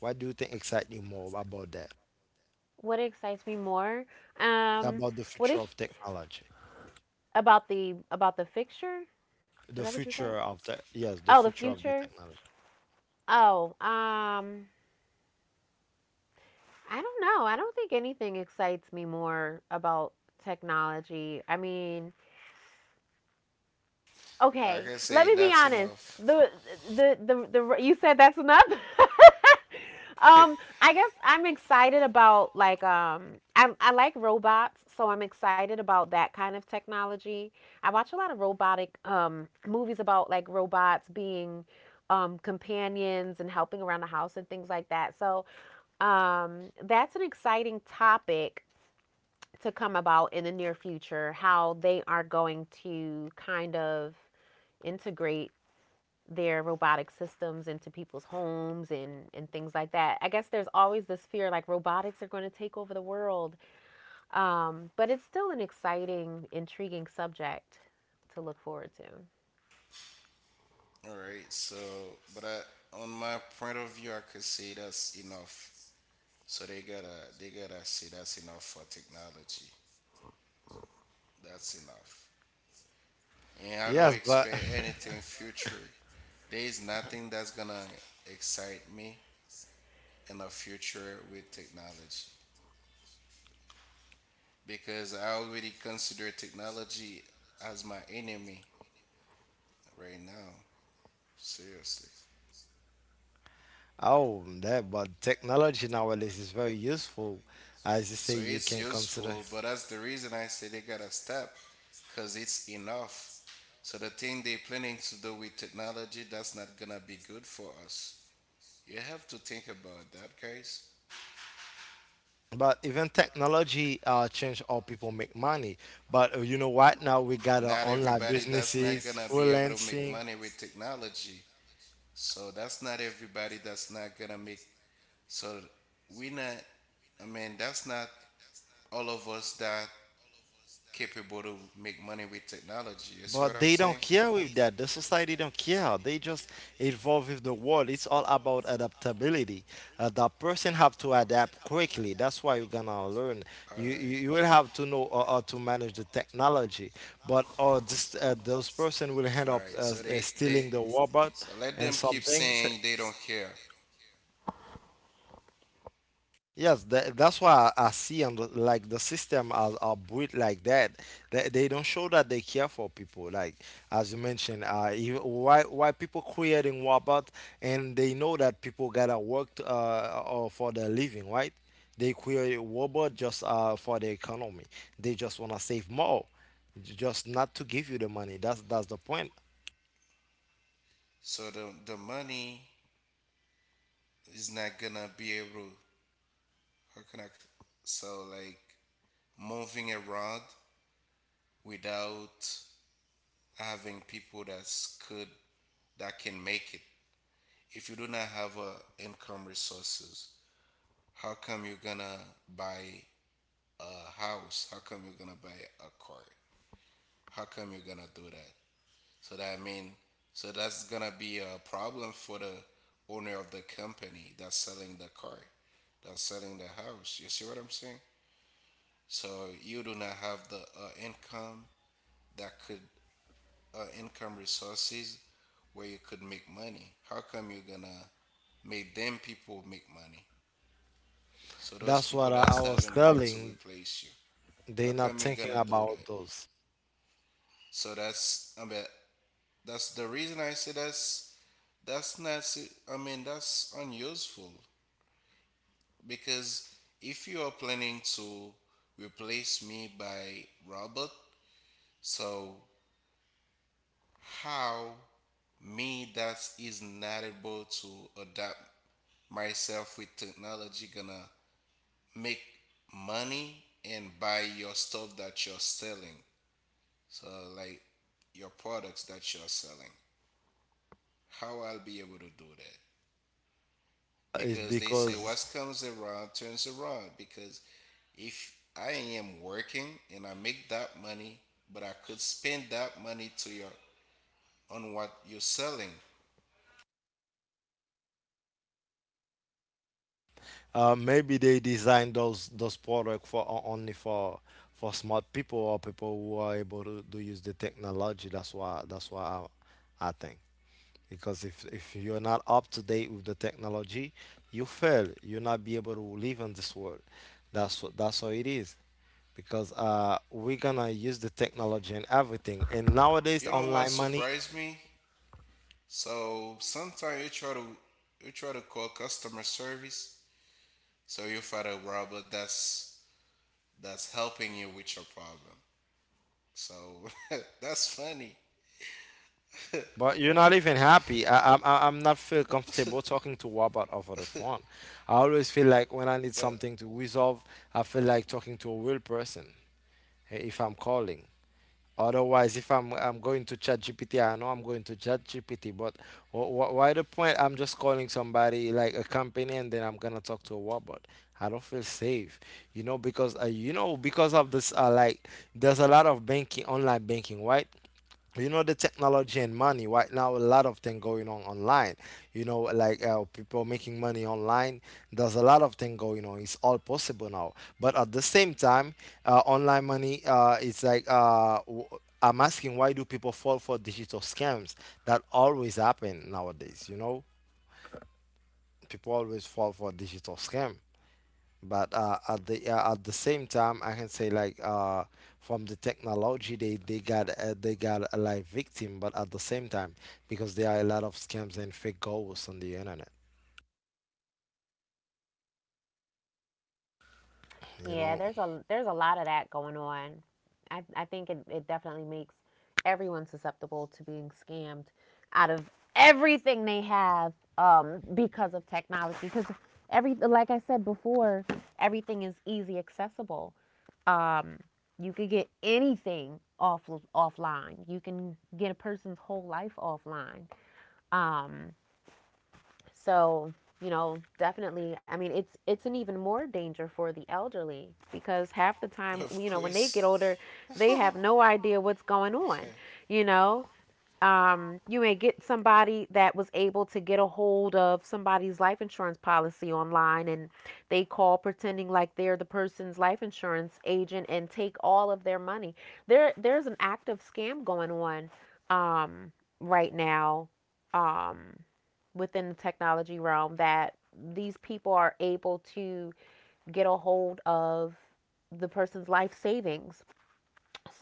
S1: What do you think excites you more about that
S2: What excites me more? Um,
S1: about the
S2: what
S1: future
S2: ex-
S1: of technology?
S2: about the about the fixture? Is
S1: The
S2: that what you said?
S1: future of the yes, the
S2: Oh, the
S1: future of the
S2: future.
S1: technology.
S2: Oh, I don't know. I don't think anything excites me more about technology. I mean,
S3: I
S2: okay,
S3: can
S2: let
S3: say
S2: me be
S3: that's
S2: honest.
S3: enough.
S2: The you said that's enough. um, I guess I'm excited about like I like robots, so I'm excited about that kind of technology. I watch a lot of robotic movies about like robots being companions and helping around the house and things like that. So, that's an exciting topic to come about in the near future, how they are going to kind of integrate their robotic systems into people's homes and things like that. I guess there's always this fear like robotics are going to take over the world. But it's still an exciting, intriguing subject to look forward to.
S3: All right. So, but I, on my point of view, I could say that's enough. So they gotta say that's enough for technology. That's enough. And I don't
S1: Yes, but
S3: expect anything future. There is nothing that's gonna excite me in the future with technology, because I already consider technology as my enemy right now. Seriously.
S1: oh, that but technology nowadays is very useful. As you say,
S3: So
S1: you
S3: it's
S1: can consider.
S3: useful, but that's the reason I say they gotta stop, cause it's enough. So the thing they're planning to do with technology, that's not gonna be good for us. You have to think about that, guys.
S1: But even technology change how people make money. But you know what? Now we got
S3: Not
S1: online
S3: everybody that's not
S1: businesses,
S3: gonna be able to make
S1: freelancing.
S3: money with technology. So that's not everybody that's not gonna make. So we not. I mean, that's not all of us that capable to make money with technology. You see what
S1: But
S3: I'm
S1: they don't
S3: saying?
S1: care with that. The society don't care. They just evolve with the world. It's all about adaptability. The person have to adapt quickly. That's why you're gonna learn.
S3: All
S1: You you,
S3: right,
S1: you will have to know how to manage the technology. But this those person will end
S3: all
S1: up
S3: right. So they
S1: stealing the robot
S3: so let
S1: and
S3: them keep
S1: something.
S3: saying they don't care.
S1: Yes, that's why I see on the, like the system are built like that. They don't show that they care for people. Like as you mentioned, you, why people creating robot and they know that people gotta work to, or for their living, right? They create robot just for the economy. They just wanna save more, just not to give you the money. That's the point.
S3: So the money is not gonna be able, how can I, so, like, moving around without having people that's could that can make it. If you do not have income resources, how come you're gonna buy a house? How come you're gonna buy a car? How come you're gonna do that? So that mean, so that's gonna be a problem for the owner of the company that's selling the car, that's selling the house. You see what I'm saying? So you do not have the income that could, income resources where you could make money. How come you're gonna make them people make money? So those
S1: That's what
S3: people
S1: I,
S3: that's
S1: I was
S3: having money to
S1: telling.
S3: replace you.
S1: They
S3: How
S1: not
S3: come you're
S1: thinking
S3: gonna do
S1: about
S3: that?
S1: those.
S3: So that's, I mean, that's the reason I say That's not, se- I mean, that's unuseful, because if you are planning to replace me by Robert, so how me that is not able to adapt myself with technology gonna make money and buy your stuff that you're selling? So, like, your products that you're selling. How I'll be able to do that?
S1: It's
S3: Because they say
S1: because
S3: what comes around turns around, because if I am working and I make that money, but I could spend that money to your, on what you're selling.
S1: Maybe they design those products for only for smart people or people who are able to use the technology. That's why I think because if you're not up to date with the technology, you fail. You'll not be able to live in this world. That's what that's how it is. Because we're gonna use the technology and everything. And nowadays,
S3: You know what
S1: online money.
S3: surprised me? So sometimes you try to call customer service, so you find a robot that's helping you with your problem. So that's funny,
S1: But you're not even happy. I'm not feel comfortable talking to Wabat over the phone. I always feel like when I need
S3: but
S1: something to resolve, I feel like talking to a real person, if I'm calling. Otherwise, if I'm going to ChatGPT, I know I'm going to ChatGPT. But why the point? I'm just calling somebody like a company, and then I'm gonna talk to a robot. I don't feel safe, you know because of this. Like, there's a lot of banking, online banking, right? You know the technology and money right now, a lot of things going on online. You know, like, people making money online, there's a lot of things going on. It's all possible now, but at the same time, online money, it's like I'm asking why do people fall for digital scams that always happen nowadays, you know. People always fall for digital scam. But at the same time, I can say like, from the technology, they got they got a live victim. But at the same time, because there are a lot of scams and fake goals on the internet, you
S2: Yeah,
S1: know.
S2: there's a lot of that going on. I think it, it definitely makes everyone susceptible to being scammed out of everything they have, because of technology. Because, every like I said before, everything is easy accessible. Um, you could get anything off offline. You can get a person's whole life offline. Um, so, Definitely. I mean, it's an even more danger for the elderly because half the time,
S3: of
S2: you know, when they get
S3: course,
S2: older, they
S3: alright,
S2: have no idea what's going on, you know? You may get somebody that was able to get a hold of somebody's life insurance policy online, and they call pretending like they're the person's life insurance agent and take all of their money. There's an active scam going on um right now um within the technology realm that these people are able to get a hold of the person's life savings.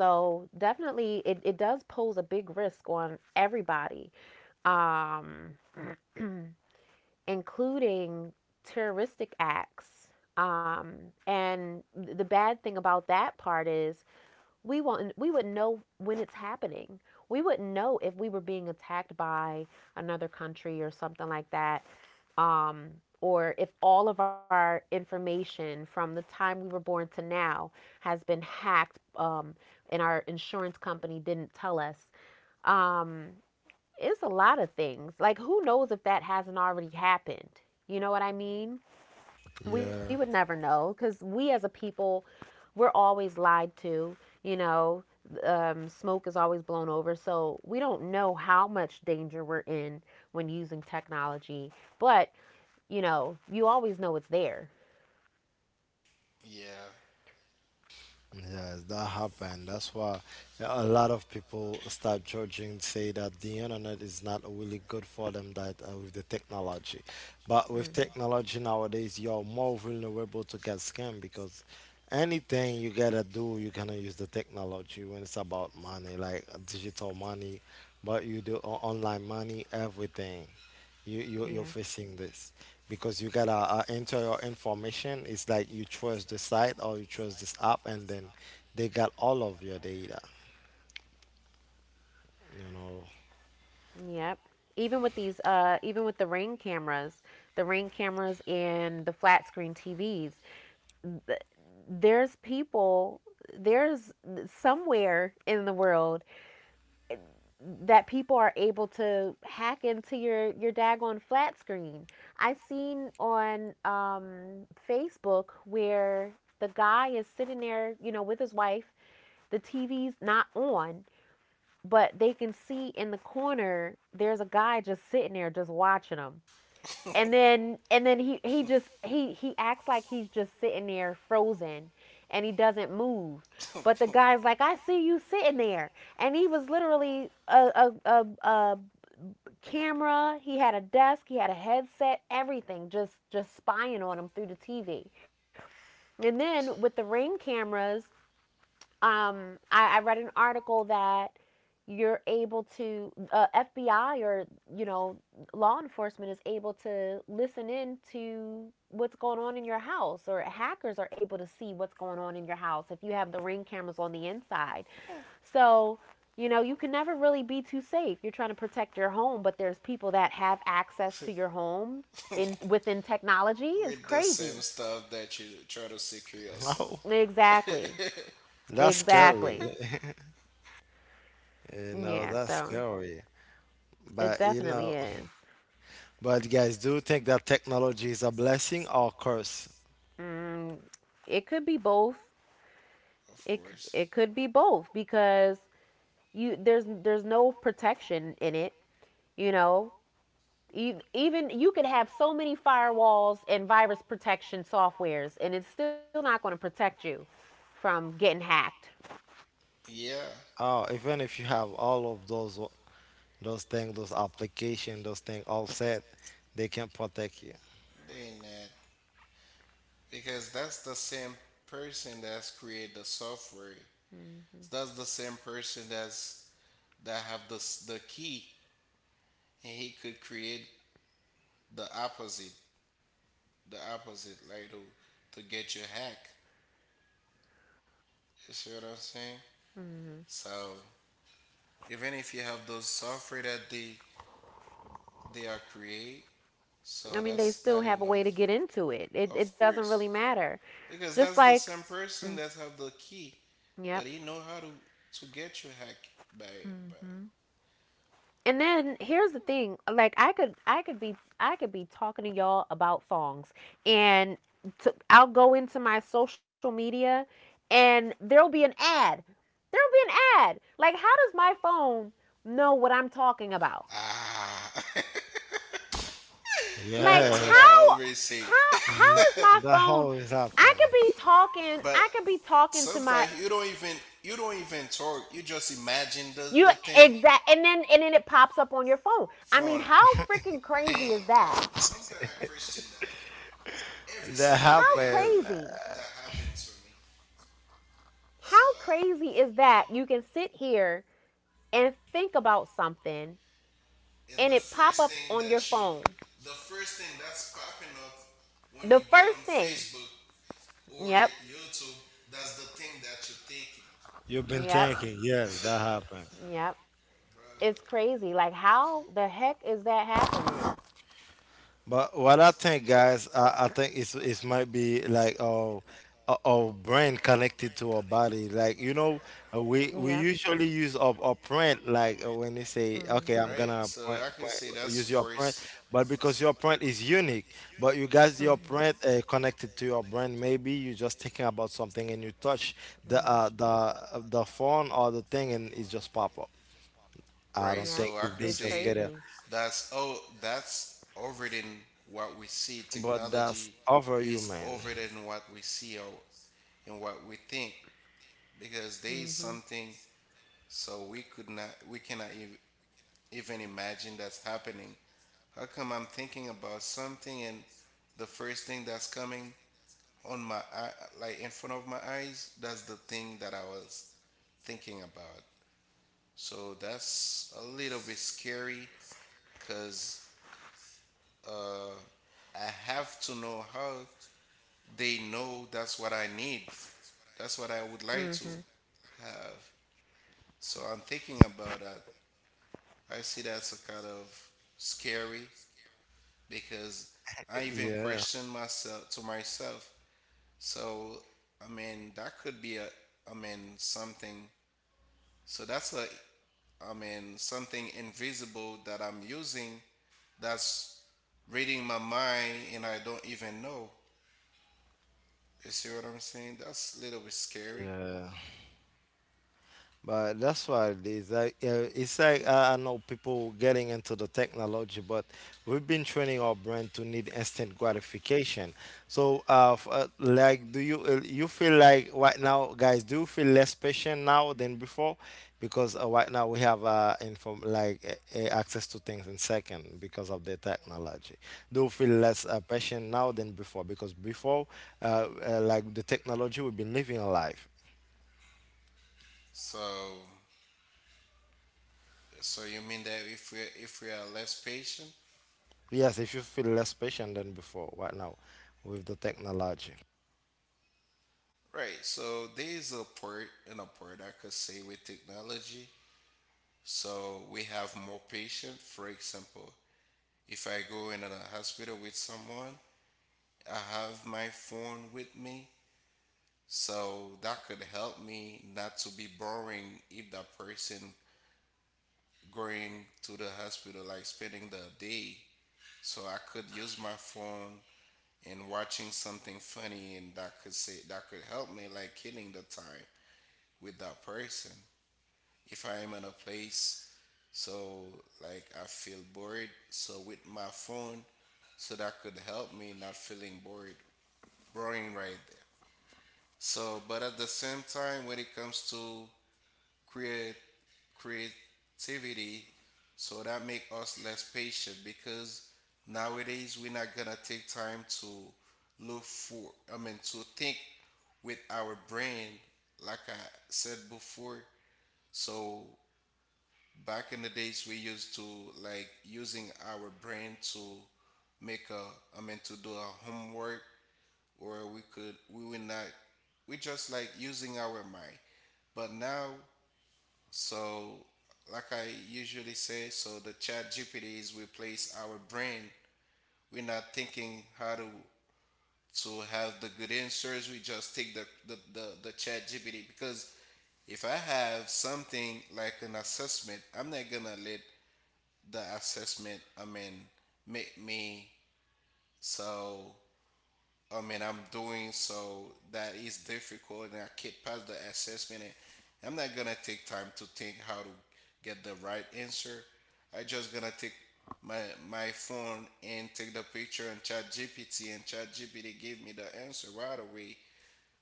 S2: So definitely, it does pose a big risk on everybody, um, including terroristic acts. Um, and The bad thing about that part is we wouldn't know when it's happening. We wouldn't know if we were being attacked by another country or something like that, um, or if all of our information from the time we were born to now has been hacked, and our insurance company didn't tell us. um, it's a lot of things, like, who knows if that hasn't already happened? You know what I mean?
S1: Yeah,
S2: We would never know because we, as a people, we're always lied to, you know. Smoke is always blown over, so we don't know how much danger we're in when using technology. But, you know, you always know it's there.
S3: yeah,
S1: yeah, that happened. That's why yeah, a lot of people start judging, say that the internet is not really good for them that with the technology. But with
S2: mm,
S1: technology nowadays, you're more vulnerable to get scammed because anything you gotta do, you're gonna use the technology when it's about money, like digital money, but you do online money, everything. You're
S2: yeah,
S1: facing this because you gotta enter your information. It's like you trust the site or you trust this app, and then they got all of your data, you know.
S2: yep. Even with these even with the ring cameras, the ring cameras and the flat screen tvs, th- there's people, there's somewhere in the world that people are able to hack into your daggone flat screen. I seen on Facebook where the guy is sitting there, you know, with his wife. The TV's not on, but they can see in the corner there's a guy just sitting there just watching them. And then he just he acts like he's just sitting there frozen, and he doesn't move. But the guy's like, I see you sitting there. And he was literally a camera. He had a desk, he had a headset, everything, just spying on him through the TV. And then with the ring cameras, I read an article that you're able to FBI, or, you know, law enforcement is able to listen in to what's going on in your house, or hackers are able to see what's going on in your house if you have the ring cameras on the inside. So, you know, you can never really be too safe. You're trying to protect your home, but there's people that have access to your home in within technology. It's
S3: with the same
S2: crazy.
S3: stuff that you try to secure
S1: No,
S3: yourself. Of
S2: Exactly.
S1: that's scary.
S2: Exactly.
S1: You know,
S2: Yeah,
S1: that's
S2: so.
S1: scary.
S2: It
S1: But you
S2: definitely
S1: know,
S2: is.
S1: but guys, do you think that technology is a blessing or curse?
S2: Mm, it could be both. It
S3: course.
S2: it could be both because you there's no protection in it. You know, even you could have so many firewalls and virus protection softwares, and it's still not going to protect you from getting hacked.
S3: Yeah,
S1: Oh, even if you have all of those things, those applications, those things all set, they can protect you.
S3: they not, because that's the same person that's create the software. That's the same person that have the the key, and he could create the opposite, the opposite, like to get you hacked. You see what I'm saying?
S2: Mhm.
S3: So even if you have those software that they are create, so
S2: I mean, they
S3: that's not
S2: still have a
S3: enough.
S2: way to get into it. It
S3: Of
S2: it doesn't really
S3: course,
S2: matter.
S3: because
S2: Just
S3: that's the
S2: like,
S3: same person
S2: mm,
S3: that have the key,
S2: yep.
S3: but he know how to get you hacked by by.
S2: Hmm. And then here's the thing, like, I could be talking to y'all about songs, and I'll go into my social media and there'll be an ad. There'll be an ad. Like, how does my phone know what I'm talking about?
S3: Ah,
S2: Like
S3: that's what
S1: Yes.
S3: I always say.
S2: how
S1: Mhm.
S2: is my
S1: That
S2: phone—
S1: always
S2: I
S1: happen.
S2: could be talking
S3: But
S2: I could be talking to my—
S3: sometimes you don't even talk. You just imagine
S2: you
S3: the thing.
S2: exact. And then it pops up on your phone. I mean,
S3: Phone.
S2: how freaking
S3: Damn.
S2: crazy is that?
S3: Sometimes I question that every
S1: That
S3: single
S2: How
S3: day
S1: happen.
S2: crazy?
S3: that happened to me. So
S2: How crazy is that? You can sit here and think about something,
S3: and
S2: and
S3: the
S2: it pop
S3: first
S2: up
S3: thing
S2: on
S3: that
S2: your
S3: you,
S2: phone.
S3: the first thing that's popping up when
S2: The
S3: you get
S2: first
S3: on
S2: thing.
S3: Facebook or
S2: Yep.
S3: YouTube, that's the thing that you're thinking,
S1: You've been
S2: Yep.
S1: thinking, yes, that happened.
S2: Yep.
S3: bruh.
S2: It's crazy. Like, how the heck is that happening?
S1: But what I think, guys, I think it's it might be like our brain connected to our body. Like, you know, we
S2: Yep.
S1: usually use our print. Like when they say, "Okay, I'm
S2: Mhm.
S3: Right.
S1: gonna
S3: So
S1: point,
S3: I could
S1: point,
S3: say that
S1: use your print,"
S3: supports,
S1: but because your print is unique, but you guys, your
S2: Mm-hmm.
S1: print
S2: Mhm.
S1: connected to your brain. Maybe you're just thinking about something and you touch the
S2: Mhm.
S1: the phone or the thing, and it just pop up. I
S3: right.
S1: don't
S2: Yep.
S1: think
S3: So I
S1: if
S3: could
S1: they
S2: It's
S1: just
S3: say
S1: get it,
S2: crazy.
S3: that's, oh, that's over than what we see.
S1: but that's
S3: Technology
S1: over you,
S3: is
S1: man.
S3: over than what we see or and what we think, because there is
S2: Mhm.
S3: something, so we could not we cannot even imagine that's happening. How come I'm thinking about something and the first thing that's coming on my eye, like in front of my eyes, that's the thing that I was thinking about, so that's a little bit scary because uh, I have to know how they know that's what I need, that's what I would like to
S2: Mhm.
S3: have. So I'm thinking about that. I see that's a kind of scary because I even
S1: Yeah.
S3: question myself to myself. So I mean that could be a I mean something. So that's a I mean something invisible that I'm using that's reading my mind and I don't even know. You see what I'm saying? That's a little bit scary.
S1: Yeah, but that's what it is. Like, it's like I know people getting into the technology, but we've been training our brain to need instant gratification. So, like, do you you feel like right now, guys? Do you feel less patient now than before? Because right now we have inform, like access to things in second because of the technology. Do you feel less patient now than before? Because before, like the technology, we've been living a life.
S3: So so you mean that if we are less patient,
S1: Yes, if you feel less patient than before right now with the technology.
S3: right. So there's a part and a part I could say with technology. So we have more patient. For example, if I go in a hospital with someone, I have my phone with me. So that could help me not to be boring if that person going to the hospital like spending the day. So I could use my phone and watching something funny, and that could say that could help me like killing the time with that person. If I am in a place, so like I feel bored. So with my phone, so that could help me not feeling bored, boring right there. So, but at the same time, when it comes to create creativity, so that make us less patient because nowadays we're not gonna take time to look for. I mean, to think with our brain, like I said before. So back in the days we used to like using our brain to make a I mean to do a homework, or we could we would not, we just like using our mind. But now, so like I usually say, so the chat GPT is replace our brain. We're not thinking how to have the good answers. We just take the chat GPT because if I have something like an assessment, I'm not gonna let the assessment, I mean, make me, so I mean I'm doing, so that is difficult and I can't pass the assessment, and I'm not gonna take time to think how to get the right answer. I just gonna take my my phone and take the picture and chat GPT, and chat GPT give me the answer right away.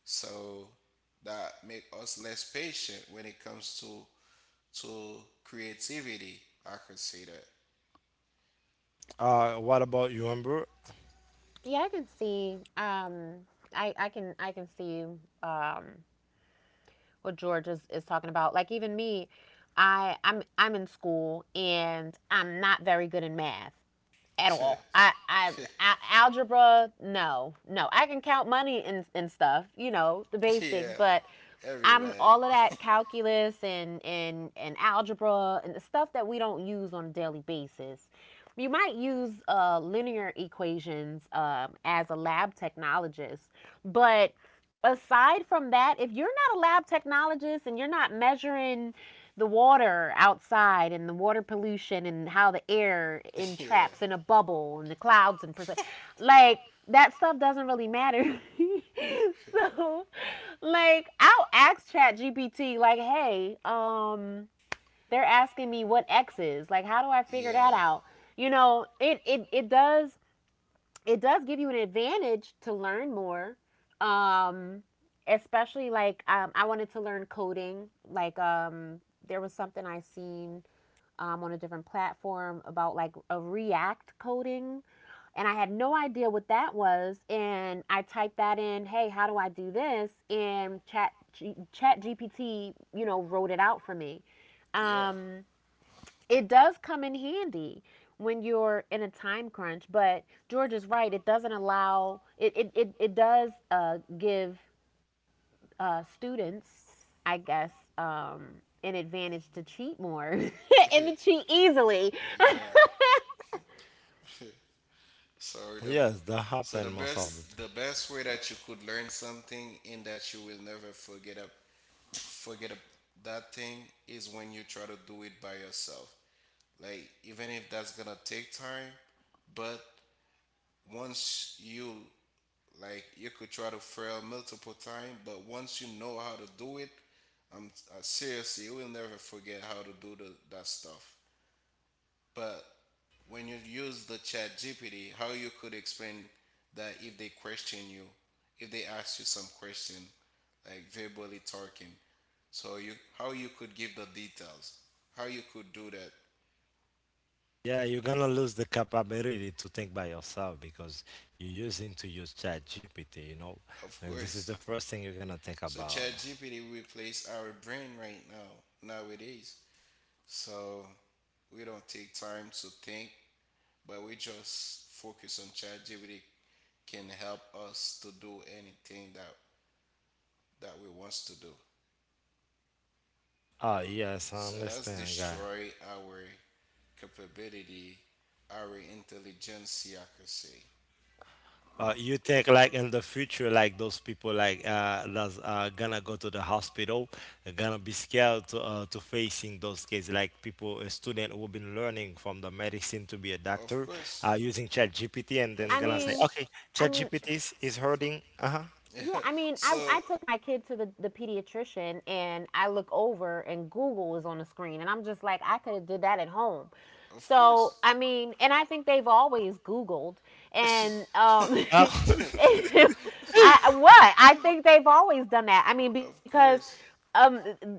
S3: So that make us less patient when it comes to creativity. I could say
S1: What about you, Amber?
S2: Yeah, I can see. I can see, um, what George is talking about. Like, even me, I'm in school and I'm not very good in math at all.
S3: that.
S2: I algebra, no, no, I can count money and stuff, you know, the basics,
S3: Yeah.
S2: but I'm
S3: Everybody.
S2: all of that calculus and algebra and the stuff that we don't use on a daily basis. You might use linear equations as a lab technologist, but aside from that, if you're not a lab technologist and you're not measuring the water outside and the water pollution and how the air
S3: Yeah.
S2: entraps in a bubble and the clouds and percent, like, that stuff doesn't really matter. So, like, I'll ask ChatGPT, like, hey, they're asking me what X is. Like, how do I figure that
S3: Yeah.
S2: out? You know, it does— it does give you an advantage to learn more. Um, especially like I wanted to learn coding. Like, there was something I seen on a different platform about like a React coding, and I had no idea what that was. And I typed that in, hey, how do I do this? And chat GPT, you know, wrote it out for me.
S3: Yeah.
S2: Um, it does come in handy when you're in a time crunch, but George is right. It doesn't allow, it does give students, I guess, um, an advantage to cheat more and to cheat easily.
S3: Yeah. So the
S1: Yes, that
S3: so
S1: happen
S3: the
S1: most of the
S3: best
S1: time.
S3: the best way that you could learn something and that you will never forget a forget a that thing is when you try to do it by yourself. Like even if that's gonna take time, but once you, like you could try to fail multiple times, but once you know how to do it, I'm seriously, you will never forget how to do the, that stuff. But when you use the chat GPT, how you could explain that if they question you, if they ask you some question, like verbally talking, so you how you could give the details, how you could do that,
S1: Yeah, you're gonna lose the capability to think by yourself because you're using to use Chat GPT, you know.
S3: of
S1: And this is the
S3: course.
S1: first thing you're gonna think
S3: So
S1: about.
S3: chat GPT replace our brain right now, nowadays. So we don't take time to think, but we just focus on ChatGPT can help us to do anything that that we wants to do.
S1: Ah, yes, I
S3: So that's
S1: understand, guy.
S3: destroy our capability, our intelligence, I could say.
S1: You think like in the future, like those people like that's gonna go to the hospital, gonna be scared to facing those cases. Like people, a student who've been learning from the medicine to be a
S3: Of
S1: doctor,
S3: course.
S1: using ChatGPT, and then
S2: I
S3: Of
S1: gonna say,
S2: mean,
S3: course.
S1: okay,
S2: I mean,
S1: ChatGPT is hurting. Uh-huh.
S2: Uh-huh. Yeah,
S3: Yeah.
S2: I mean,
S3: So,
S2: I took my kid to the pediatrician, and I look over and Google is on the screen, and I'm just like, I could have did that at home.
S3: of course.
S2: So, I mean, and I think they've always Googled, and
S1: Oh.
S2: I— what? I think they've always done that. I mean,
S3: Of
S2: because
S3: course,
S2: um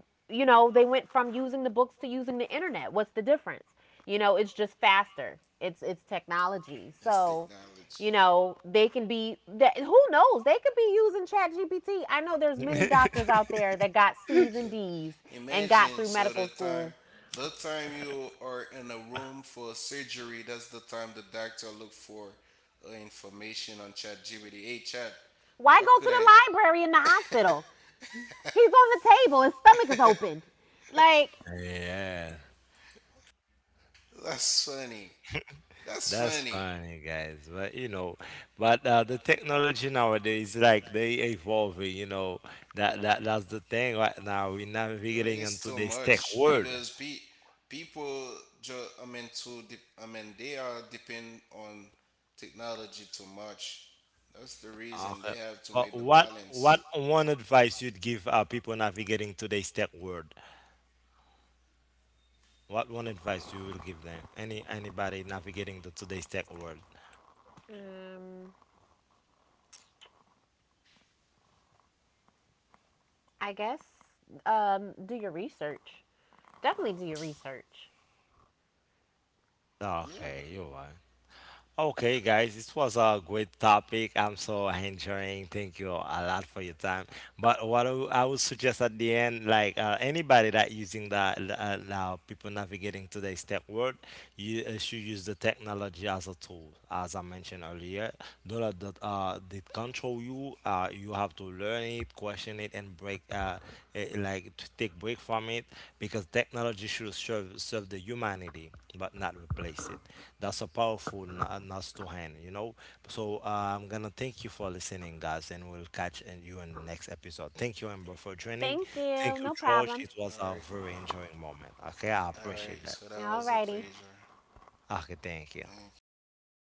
S2: you know, they went from using the books to using the internet. What's the difference? You know, it's just faster. It's technology.
S3: it's, so,
S2: So, you
S3: technology.
S2: know, they can be that— who knows? They could be using Chat GPT. I know there's many doctors out there that got C's and D's and got
S3: Imagine, yeah.
S2: through
S3: So
S2: medical school.
S3: the time you are in a room for surgery, that's the time the doctor look for information on ChatGPT. Hey, Chat,
S2: Why
S3: how I
S2: go
S3: could
S2: to the library in the
S3: I?
S2: hospital? He's on the table, his stomach is open. Like,
S1: Yeah.
S3: The library and looked it up. That's funny. That's
S1: That's
S3: funny.
S1: funny, guys. But you know, but the technology nowadays, like they evolving. You know, that that's the thing right now. We're
S3: Really,
S1: navigating
S3: it's
S1: into
S3: too so
S1: this tech
S3: much focusing on,
S1: world.
S3: because pe- people, ju- I mean, to de- I mean, they are depend on technology too much. That's the reason
S1: Okay.
S3: they have to
S1: But
S3: make the, but what,
S1: what
S3: balance.
S1: one advice you'd give people navigating today's tech world? What one advice you will give them? Any anybody navigating the today's tech world?
S2: um, I guess, do your research. Definitely do your research.
S3: Yeah.
S1: Okay, you are. Okay, guys, it was a great topic. I'm so enjoying. Thank you a lot for your time. But what I I would suggest at the end, like anybody that using the people navigating today's tech world, you should use the technology as a tool, as I mentioned earlier. Don't let that control you. You have to learn it, question it, and break like to take break from it because technology should serve the humanity, but not replace it. That's a powerful nuts to hand, you know. So I'm gonna thank you for listening, guys, and we'll catch and you in the next episode. Thank you, Amber, for joining.
S2: Thank
S1: Thank
S2: you.
S1: you,
S2: No
S1: George.
S2: problem.
S1: It was
S3: All
S1: a
S3: right.
S1: very enjoying moment. Okay, I
S3: All right.
S1: appreciate that.
S3: So that was a
S2: Alrighty.
S3: pleasure.
S1: Okay, thank you.
S3: Thank